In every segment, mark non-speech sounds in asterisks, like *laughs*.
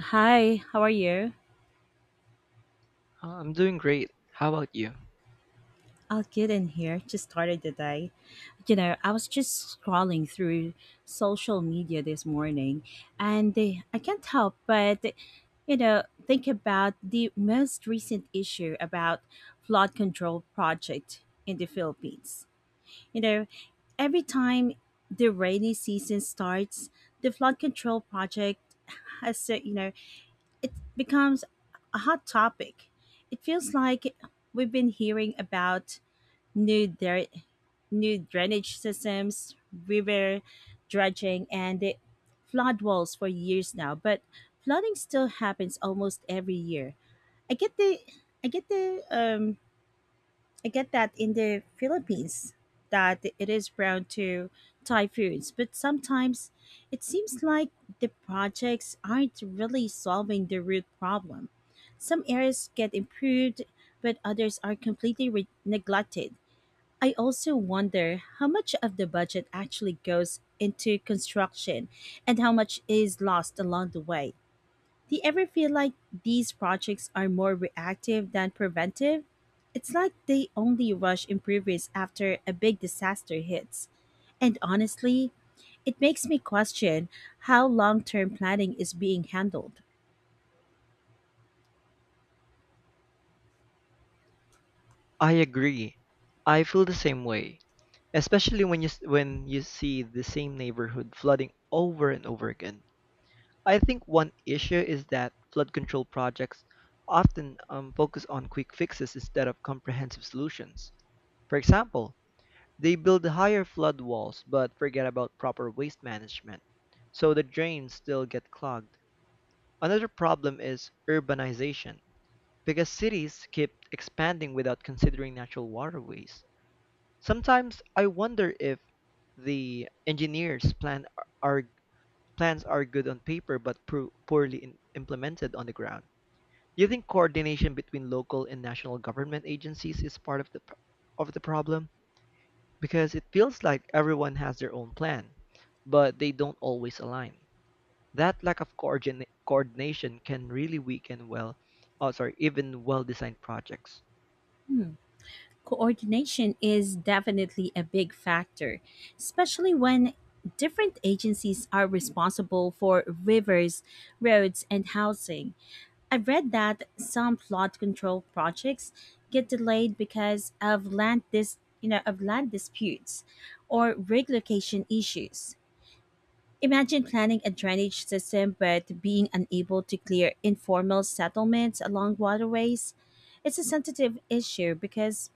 Hi, how are you? I'm doing great. How about you? I'll get in here. Just started the day. I was just scrolling through social media this morning and they, I can't help but, think about the most recent issue about flood control project in the Philippines. You know, every time the rainy season starts, the flood control project has, it becomes a hot topic. It feels like we've been hearing about new dra- new drainage systems, river dredging, and the flood walls for years now. But flooding still happens almost every year. I get the I get the um, I get that in the Philippines that it is prone to Thai foods, but sometimes it seems like the projects aren't really solving the root problem. Some areas get improved, but others are completely neglected. I also wonder how much of the budget actually goes into construction and how much is lost along the way. Do you ever feel like these projects are more reactive than preventive? It's like they only rush improvements after a big disaster hits. And honestly, it makes me question how long term planning is being handled. I agree. I feel the same way, especially when when you see the same neighborhood flooding over and over again. I think one issue is that flood control projects often focus on quick fixes instead of comprehensive solutions. For example, they build higher flood walls but forget about proper waste management, so the drains still get clogged. Another problem is urbanization. Because cities keep expanding without considering natural waterways. Sometimes I wonder if the engineers plan are plans are good on paper but poorly in, implemented on the ground. Do you think coordination between local and national government agencies is part of of the problem? Because it feels like everyone has their own plan, but they don't always align. That lack of coordination can really weaken even well-designed projects. Hmm, coordination is definitely a big factor, especially when different agencies are responsible for rivers, roads, and housing. I've read that some flood control projects get delayed because of land dis you know of land disputes or rig location issues. Imagine planning a drainage system but being unable to clear informal settlements along waterways. It's a sensitive issue because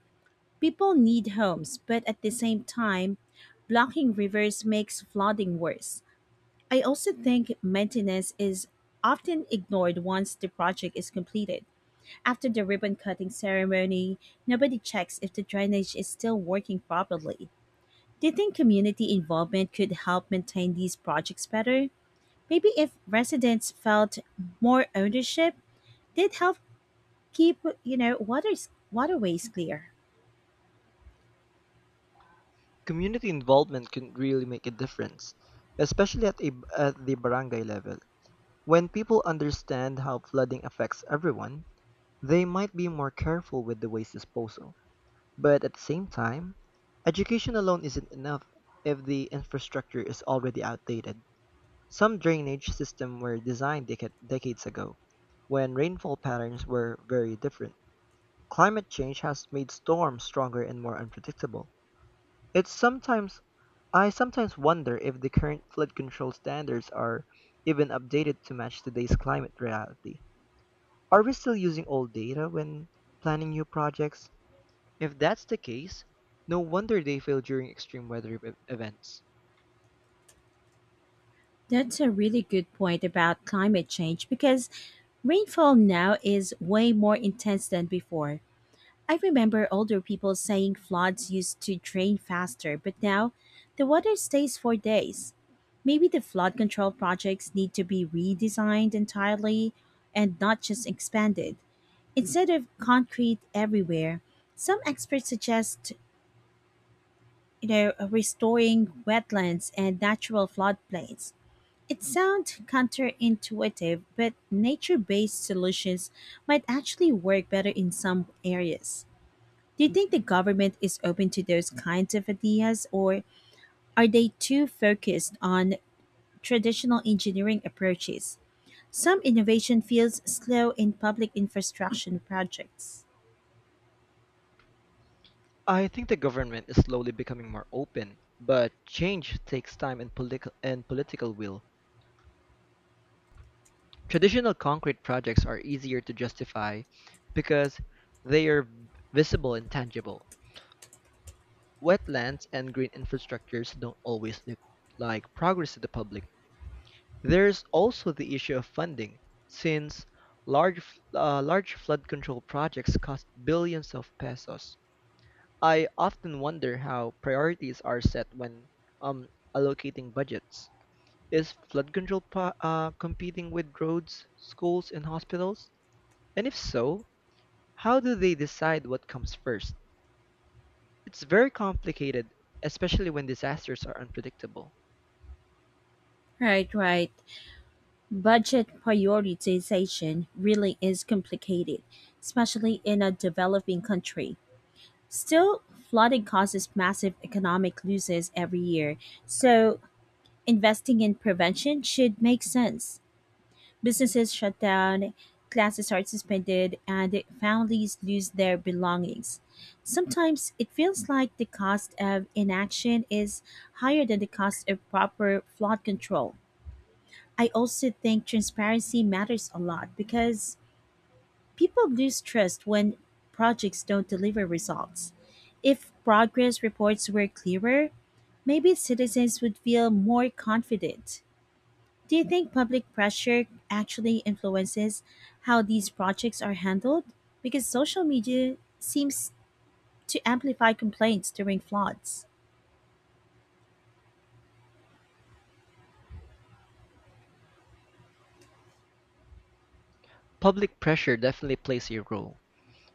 people need homes, but at the same time, blocking rivers makes flooding worse. I also think maintenance is often ignored once the project is completed. After the ribbon cutting ceremony, nobody checks if the drainage is still working properly. Do you think community involvement could help maintain these projects better? Maybe if residents felt more ownership, they'd help keep, waters waterways clear. Community involvement can really make a difference, especially at the barangay level. When people understand how flooding affects everyone, they might be more careful with the waste disposal. But at the same time, education alone isn't enough if the infrastructure is already outdated. Some drainage systems were designed decades ago, when rainfall patterns were very different. Climate change has made storms stronger and more unpredictable. It's sometimes I sometimes wonder if the current flood control standards are even updated to match today's climate reality. Are we still using old data when planning new projects? If that's the case, no wonder they fail during extreme weather events. That's a really good point about climate change because rainfall now is way more intense than before. I remember older people saying floods used to drain faster, but now the water stays for days. Maybe the flood control projects need to be redesigned entirely and not just expanded. Instead of concrete everywhere, some experts suggest, restoring wetlands and natural floodplains. It sounds counterintuitive, but nature-based solutions might actually work better in some areas. Do you think the government is open to those kinds of ideas, or are they too focused on traditional engineering approaches? Some innovation feels slow in public infrastructure projects. I think the government is slowly becoming more open, but change takes time and, and political will. Traditional concrete projects are easier to justify because they are visible and tangible. Wetlands and green infrastructures don't always look like progress to the public. There's also the issue of funding, since large flood control projects cost billions of pesos. I often wonder how priorities are set when um, allocating budgets. Is competing with roads, schools, and hospitals? And if so, how do they decide what comes first? It's very complicated, especially when disasters are unpredictable. Right, right. Budget prioritization really is complicated, especially in a developing country. Still, flooding causes massive economic losses every year, so investing in prevention should make sense. Businesses shut down, classes are suspended, and families lose their belongings. Sometimes it feels like the cost of inaction is higher than the cost of proper flood control. I also think transparency matters a lot because people lose trust when projects don't deliver results. If progress reports were clearer, maybe citizens would feel more confident. Do you think public pressure actually influences how these projects are handled? Because social media seems to amplify complaints during floods. Public pressure definitely plays a role,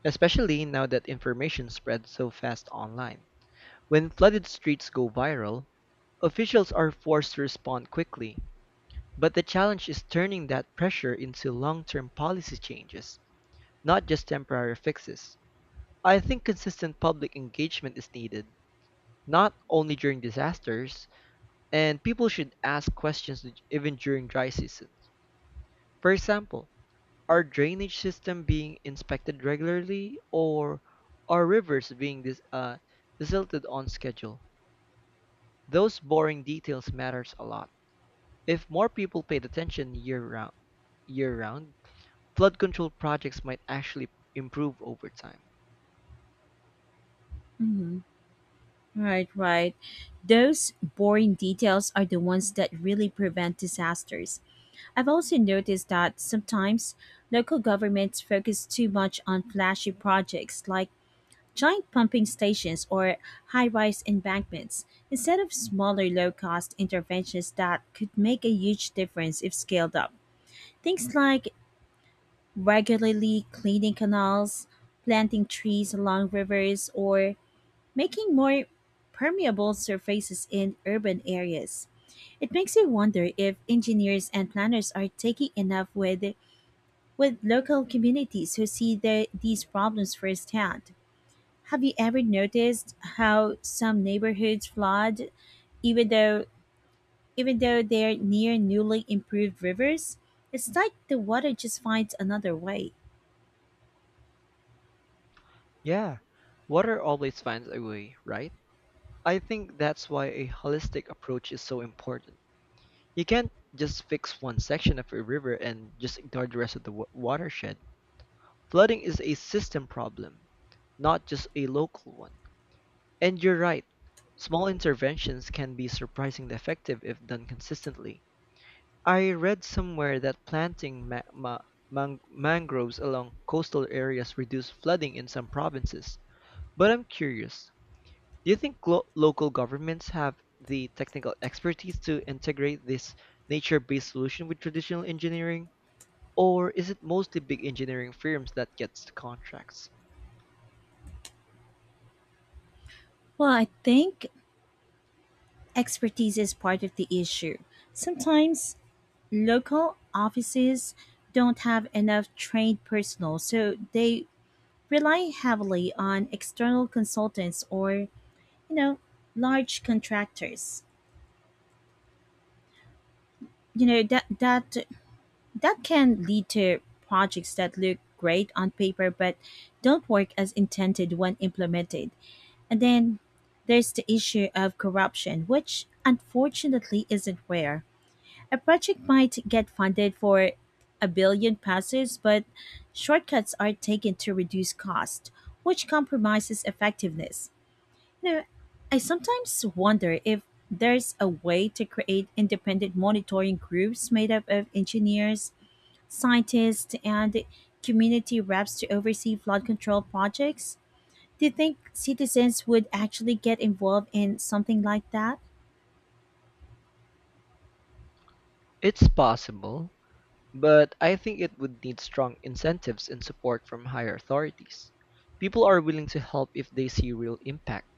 especially now that information spreads so fast online. When flooded streets go viral, officials are forced to respond quickly. But the challenge is turning that pressure into long term policy changes, not just temporary fixes. I think consistent public engagement is needed, not only during disasters, and people should ask questions even during dry seasons. For example, our drainage system being inspected regularly or our rivers being desilted on schedule? Those boring details matters a lot. If more people paid attention year round, flood control projects might actually improve over time. Hmm. Right, right. Those boring details are the ones that really prevent disasters. I've also noticed that sometimes local governments focus too much on flashy projects like giant pumping stations or high-rise embankments instead of smaller low-cost interventions that could make a huge difference if scaled up. Things like regularly cleaning canals, planting trees along rivers, or making more permeable surfaces in urban areas. It makes you wonder if engineers and planners are taking enough with local communities who see these problems firsthand. Have you ever noticed how some neighborhoods flood even though even though they're near newly improved rivers? It's like the water just finds another way. Yeah, water always finds a way, right? I think that's why a holistic approach is so important. You can't just fix one section of a river and just ignore the rest of the watershed. Flooding is a system problem, not just a local one. And you're right, small interventions can be surprisingly effective if done consistently. I read somewhere that planting mangroves along coastal areas reduce flooding in some provinces. But I'm curious, do you think local governments have the technical expertise to integrate this nature-based solution with traditional engineering? Or is it mostly big engineering firms that gets the contracts? Well, I think expertise is part of the issue. Sometimes local offices don't have enough trained personnel, so they rely heavily on external consultants or, know, large contractors. You know, that that that can lead to projects that look great on paper but don't work as intended when implemented. And then there's the issue of corruption, which unfortunately isn't rare. A project might get funded for a billion passes, but shortcuts are taken to reduce cost, which compromises effectiveness. You know, I sometimes wonder if there's a way to create independent monitoring groups made up of engineers, scientists, and community reps to oversee flood control projects? Do you think citizens would actually get involved in something like that? It's possible, but I think it would need strong incentives and support from higher authorities. People are willing to help if they see real impact,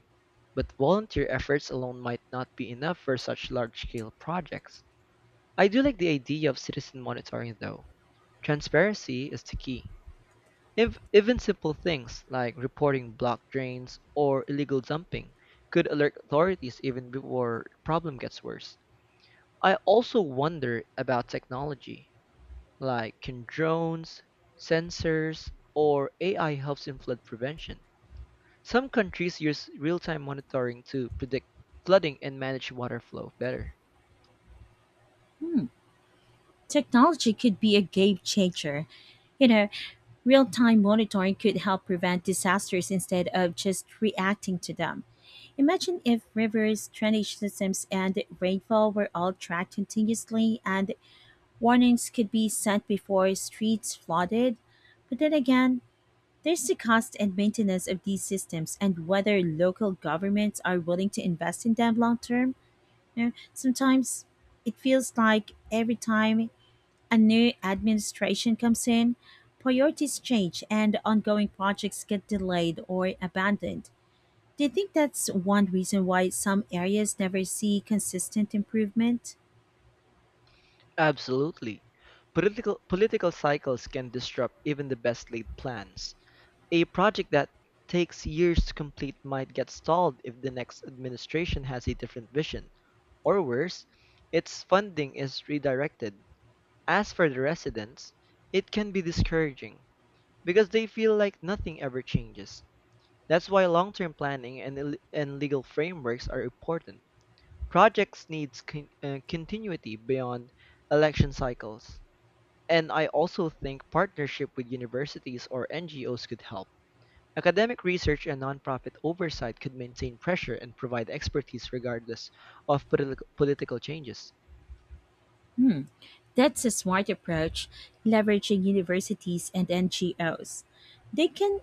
but volunteer efforts alone might not be enough for such large-scale projects. I do like the idea of citizen monitoring though. Transparency is the key. If even simple things like reporting blocked drains or illegal dumping could alert authorities even before the problem gets worse. I also wonder about technology. Like can drones, sensors, or AI helps in flood prevention. Some countries use real time monitoring to predict flooding and manage water flow better. Technology could be a game changer. You know, real time monitoring could help prevent disasters instead of just reacting to them. Imagine if rivers, drainage systems, and rainfall were all tracked continuously and warnings could be sent before streets flooded. But then again, there's the cost and maintenance of these systems and whether local governments are willing to invest in them long term. Sometimes it feels like every time a new administration comes in, priorities change and ongoing projects get delayed or abandoned. Do you think that's one reason why some areas never see consistent improvement? Absolutely. Political cycles can disrupt even the best laid plans. A project that takes years to complete might get stalled if the next administration has a different vision. Or worse, its funding is redirected. As for the residents, it can be discouraging, because they feel like nothing ever changes. That's why long-term planning and, and legal frameworks are important. Projects need continuity beyond election cycles. And I also think partnership with universities or NGOs could help. Academic research and nonprofit oversight could maintain pressure and provide expertise regardless of political changes. That's a smart approach, leveraging universities and NGOs. They can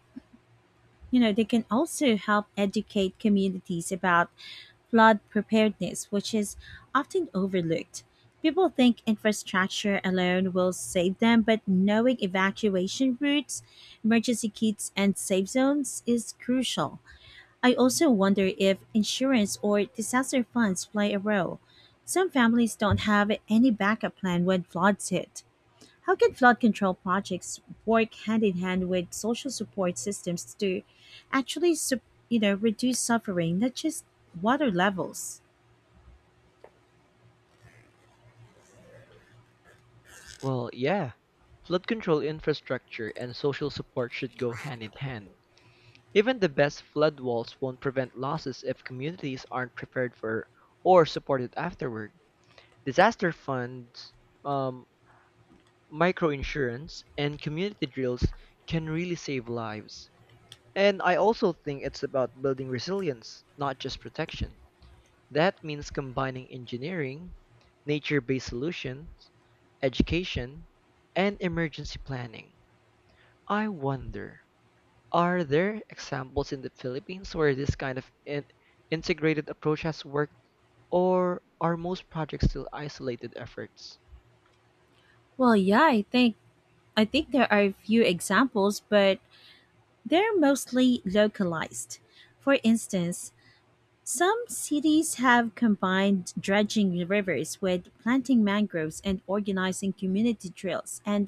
they can also help educate communities about flood preparedness, which is often overlooked. People think infrastructure alone will save them, but knowing evacuation routes, emergency kits, and safe zones is crucial. I also wonder if insurance or disaster funds play a role. Some families don't have any backup plan when floods hit. How can flood control projects work hand in hand with social support systems to actually, sup- reduce suffering, not just water levels? Well, yeah. Flood control infrastructure and social support should go hand in hand. Even the best flood walls won't prevent losses if communities aren't prepared for or supported afterward. Disaster funds, um, microinsurance, and community drills can really save lives. And I also think it's about building resilience, not just protection. That means combining engineering, nature based solutions, education, and emergency planning. I wonder. Are there examples in the Philippines where this kind of integrated approach has worked, or are most projects still isolated efforts? Well, yeah, I think there are a few examples, but they're mostly localized. For instance, some cities have combined dredging rivers with planting mangroves and organizing community drills, and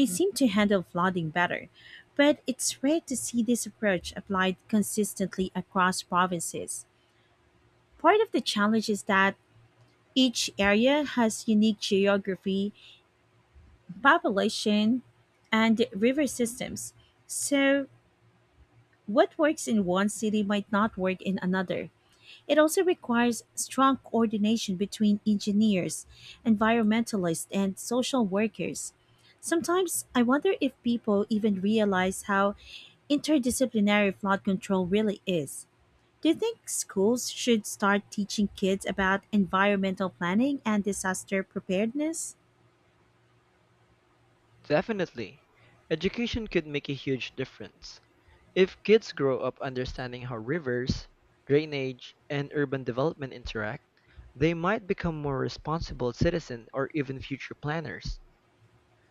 they seem to handle flooding better, but it's rare to see this approach applied consistently across provinces. Part of the challenge is that each area has unique geography, population, and river systems. So, what works in one city might not work in another. It also requires strong coordination between engineers, environmentalists, and social workers. Sometimes I wonder if people even realize how interdisciplinary flood control really is. Do you think schools should start teaching kids about environmental planning and disaster preparedness? Definitely. Education could make a huge difference. If kids grow up understanding how rivers, drainage, and urban development interact, they might become more responsible citizens or even future planners.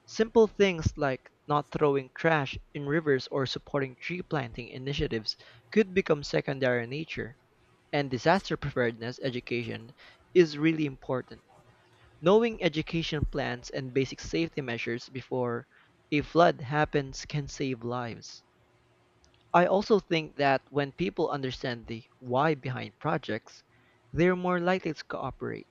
Simple things like not throwing trash in rivers or supporting tree planting initiatives could become secondary in nature. And disaster preparedness education is really important. Knowing education plans and basic safety measures before a flood happens can save lives. I also think that when people understand the why behind projects, they're more likely to cooperate.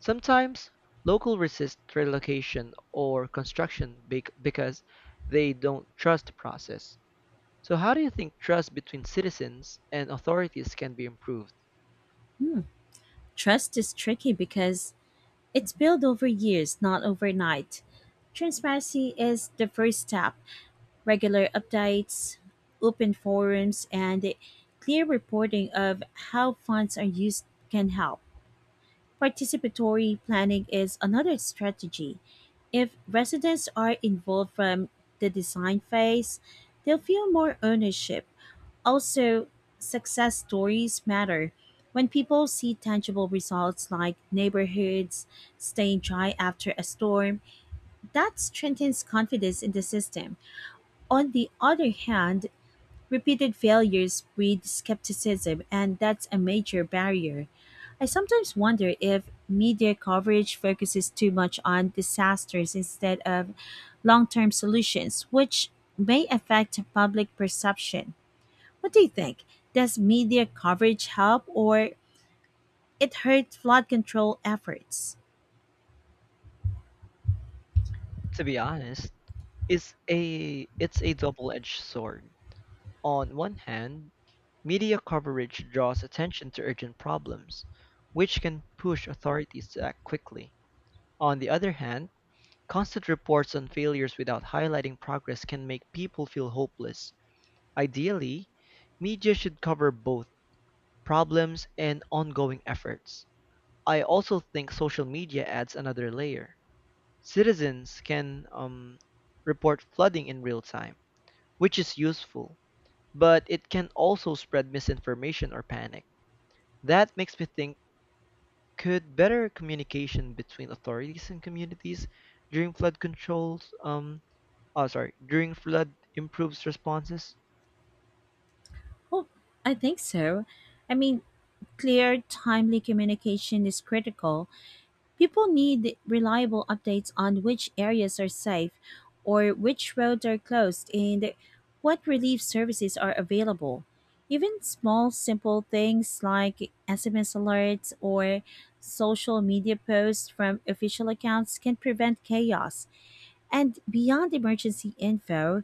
Sometimes local resist relocation or construction because they don't trust the process. So how do you think trust between citizens and authorities can be improved? Hmm. Trust is tricky because it's built over years, not overnight. Transparency is the first step. Regular updates, open forums, and clear reporting of how funds are used can help. Participatory planning is another strategy. If residents are involved from the design phase, they'll feel more ownership. Also, success stories matter. When people see tangible results like neighborhoods staying dry after a storm, that strengthens confidence in the system. On the other hand, repeated failures breed skepticism, and that's a major barrier. I sometimes wonder if media coverage focuses too much on disasters instead of long term solutions, which may affect public perception. What do you think? Does media coverage help or it hurt flood control efforts? To be honest, is a it's a double-edged sword. On one hand, media coverage draws attention to urgent problems, which can push authorities to act quickly. On the other hand, constant reports on failures without highlighting progress can make people feel hopeless. Ideally, media should cover both problems and ongoing efforts. I also think social media adds another layer. Citizens can report flooding in real time which is useful, but it can also spread misinformation or panic. That makes me think, could better communication between authorities and communities during flood controls um oh sorry, during flood improves responses? Well, I think so. I mean, clear, timely communication is critical. People need reliable updates on which areas are safe or which roads are closed and what relief services are available. Even small, simple things like SMS alerts or social media posts from official accounts can prevent chaos. And beyond emergency info,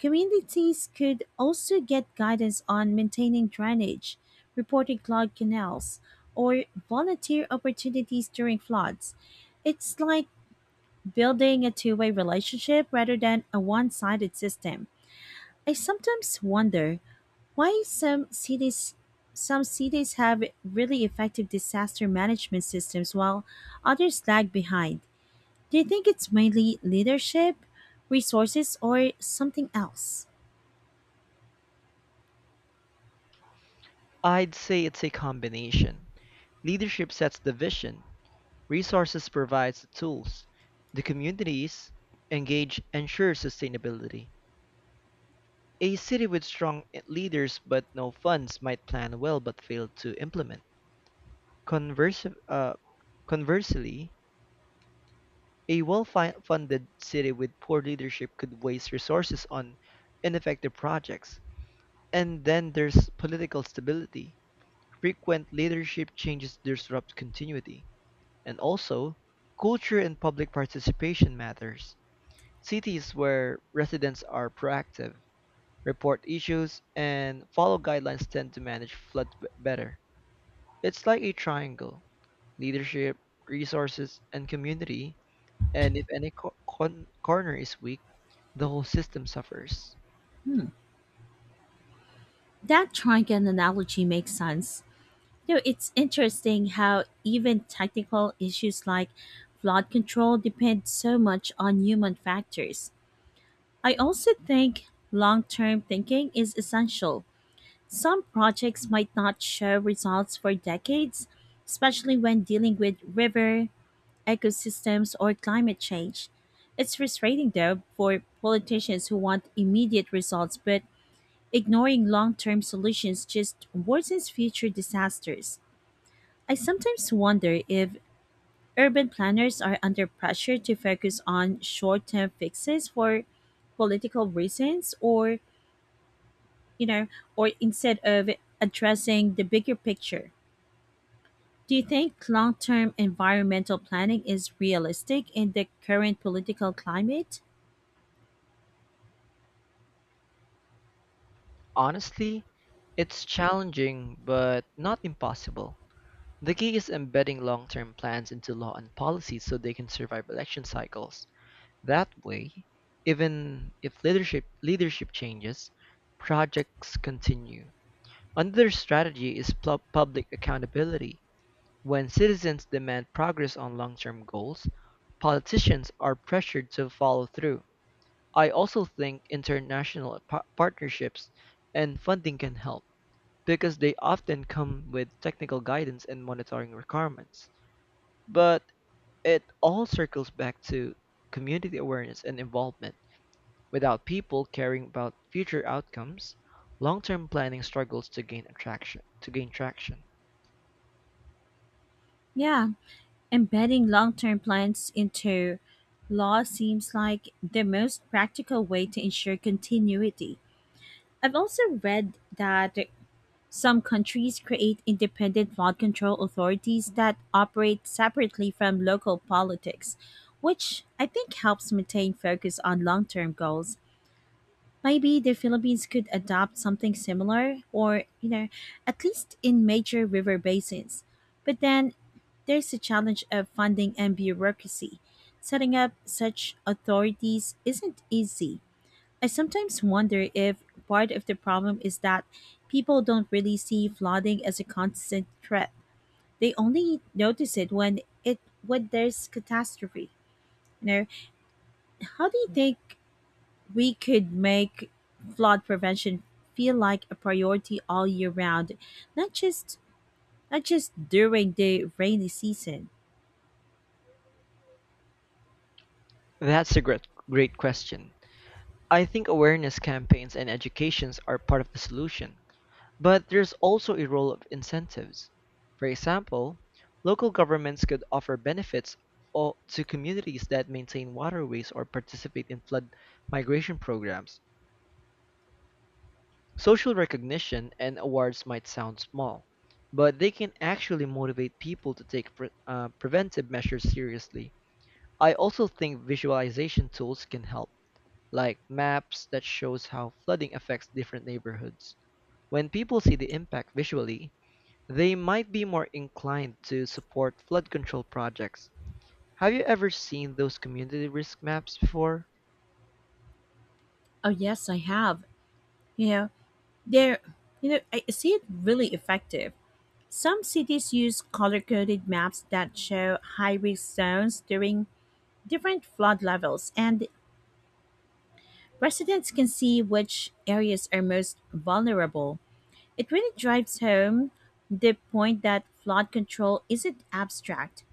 communities could also get guidance on maintaining drainage, reporting clogged canals, or volunteer opportunities during floods. It's like building a two-way relationship rather than a one sided system. I sometimes wonder why some cities have really effective disaster management systems while others lag behind. Do you think it's mainly leadership, resources, or something else? I'd say it's a combination. Leadership sets the vision, resources provides the tools, the communities engage ensures sustainability. A city with strong leaders but no funds might plan well but fail to implement. Conversi- uh, Conversely, a well-funded city with poor leadership could waste resources on ineffective projects. And then there's political stability. Frequent leadership changes disrupt continuity. And also, culture and public participation matters. Cities where residents are proactive, report issues, and follow guidelines tend to manage better. It's like a triangle, leadership, resources, and community, and if any corner is weak, the whole system suffers. That triangle analogy makes sense. It's interesting how even technical issues like flood control depend so much on human factors. I also think long term thinking is essential. Some projects might not show results for decades, especially when dealing with river, ecosystems, or climate change. It's frustrating though for politicians who want immediate results, but ignoring long term solutions just worsens future disasters. I sometimes wonder if urban planners are under pressure to focus on short term fixes for political reasons, or, you know, instead of addressing the bigger picture. Do you think long term environmental planning is realistic in the current political climate? Honestly, it's challenging but not impossible. The key is embedding long term plans into law and policy so they can survive election cycles. That way, even if leadership changes, projects continue. Another strategy is public accountability. When citizens demand progress on long term goals, politicians are pressured to follow through. I also think international partnerships and funding can help because they often come with technical guidance and monitoring requirements. But it all circles back to community awareness and involvement. Without people caring about future outcomes, long-term planning struggles to gain traction. Yeah, embedding long term plans into law seems like the most practical way to ensure continuity. I've also read that some countries create independent flood control authorities that operate separately from local politics, which I think helps maintain focus on long term goals. Maybe the Philippines could adopt something similar or, at least in major river basins. But then there's the challenge of funding and bureaucracy. Setting up such authorities isn't easy. I sometimes wonder if part of the problem is that people don't really see flooding as a constant threat. They only notice it when there's catastrophe. You know, how do you think we could make flood prevention feel like a priority all year round, not just not just during the rainy season. That's a great question. I think awareness campaigns and educations are part of the solution, but there's also a role of incentives. For example, local governments could offer benefits to communities that maintain waterways or participate in flood migration programs. Social recognition and awards might sound small, but they can actually motivate people to take preventive measures seriously. I also think visualization tools can help, like maps that shows how flooding affects different neighborhoods. When people see the impact visually, they might be more inclined to support flood control projects. Have you ever seen those community risk maps before? Oh yes, I have. You know, there I see it really effective. Some cities use color coded maps that show high risk zones during different flood levels, and residents can see which areas are most vulnerable. It really drives home the point that flood control isn't abstract.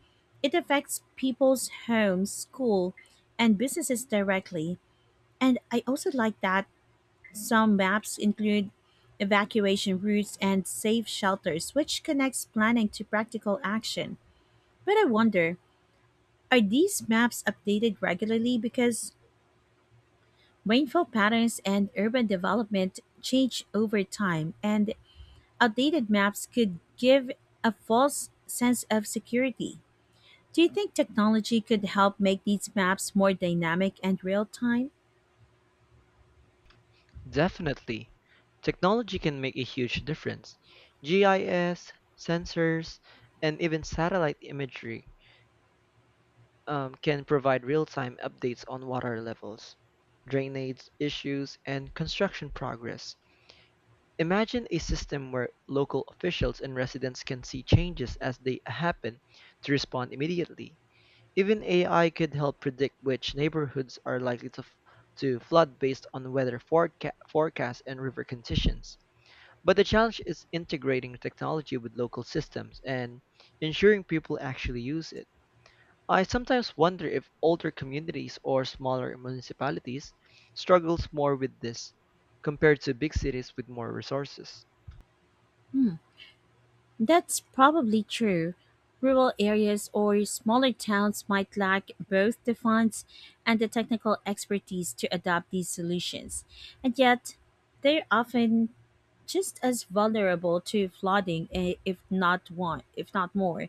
It affects people's homes, school, and businesses directly. And I also like that some maps include evacuation routes and safe shelters, which connects planning to practical action. But I wonder, are these maps updated regularly, because rainfall patterns and urban development change over time, and outdated maps could give a false sense of security. Do you think technology could help make these maps more dynamic and real time? Definitely. Technology can make a huge difference. GIS, sensors, and even satellite imagery can provide real-time updates on water levels, drainage issues, and construction progress. Imagine a system where local officials and residents can see changes as they happen to respond immediately. Even AI could help predict which neighborhoods are likely to, to flood based on weather forecasts and river conditions. But the challenge is integrating technology with local systems and ensuring people actually use it. I sometimes wonder if older communities or smaller municipalities struggles more with this compared to big cities with more resources. That's probably true. Rural areas or smaller towns might lack both the funds and the technical expertise to adopt these solutions. And yet, they're often just as vulnerable to flooding, if not more.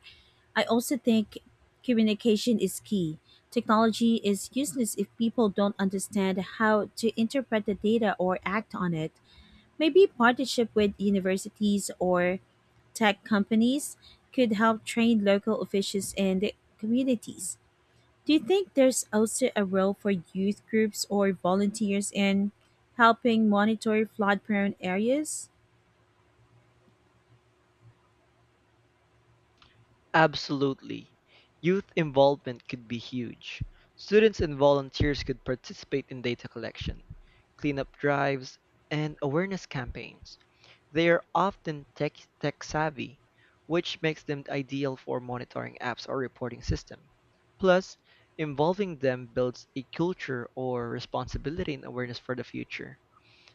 I also think communication is key. Technology is useless if people don't understand how to interpret the data or act on it. Maybe partnership with universities or tech companies could help train local officials and communities. Do you think there's also a role for youth groups or volunteers in helping monitor flood prone areas? Absolutely. Youth involvement could be huge. Students and volunteers could participate in data collection, cleanup drives, and awareness campaigns. They are often tech savvy, which makes them ideal for monitoring apps or reporting system. Plus, involving them builds a culture or responsibility and awareness for the future.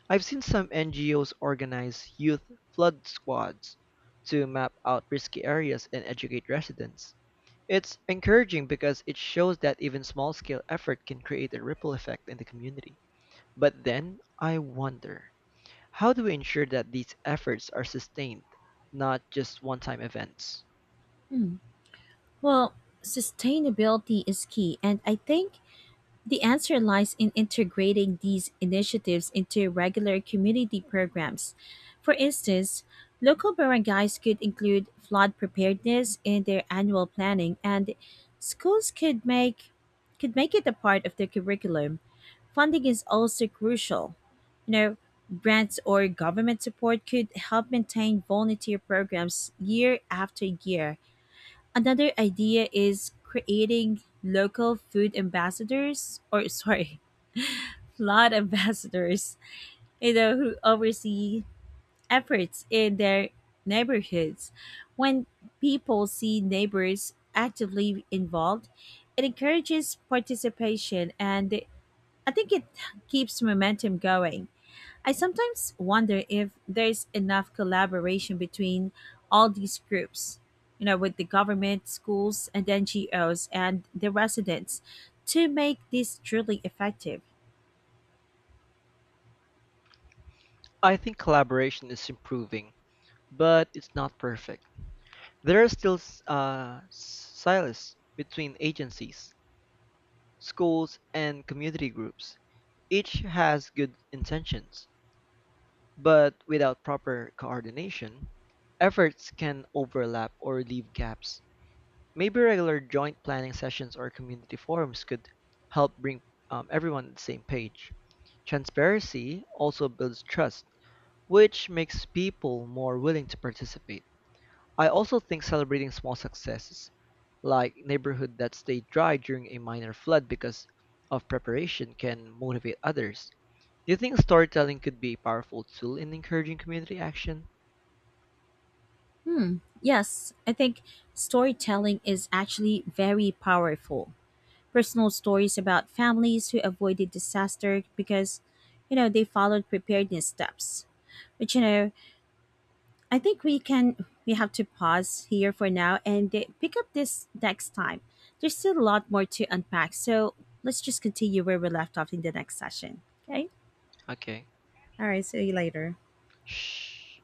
I've seen some NGOs organize youth flood squads to map out risky areas and educate residents. It's encouraging because it shows that even small scale effort can create a ripple effect in the community. But then I wonder, how do we ensure that these efforts are sustained, not just one time events? Hmm. Well, sustainability is key, and I think the answer lies in integrating these initiatives into regular community programs. For instance, local barangays could include flood preparedness in their annual planning, and schools could make it a part of their curriculum. Funding is also crucial. You know, grants or government support could help maintain volunteer programs year after year. Another idea is creating local food ambassadors or sorry, *laughs* flood ambassadors, who oversee efforts in their neighborhoods. When people see neighbors actively involved, it encourages participation, and I think it keeps momentum going. I sometimes wonder if there's enough collaboration between all these groups, with the government, schools, and NGOs and the residents to make this truly effective. I think collaboration is improving, but it's not perfect. There are still silos between agencies, schools, and community groups. Each has good intentions, but without proper coordination, efforts can overlap or leave gaps. Maybe regular joint planning sessions or community forums could help bring everyone on the same page. Transparency also builds trust, which makes people more willing to participate. I also think celebrating small successes, like neighborhood that stayed dry during a minor flood because of preparation, can motivate others. Do you think storytelling could be a powerful tool in encouraging community action? Hmm. Yes, I think storytelling is actually very powerful. Personal stories about families who avoided disaster because, they followed preparedness steps. But you know, I think we can we have to pause here for now and pick up this next time. There's still a lot more to unpack, so let's just continue where we left off in the next session. Okay? Okay. All right, see you later. Shh.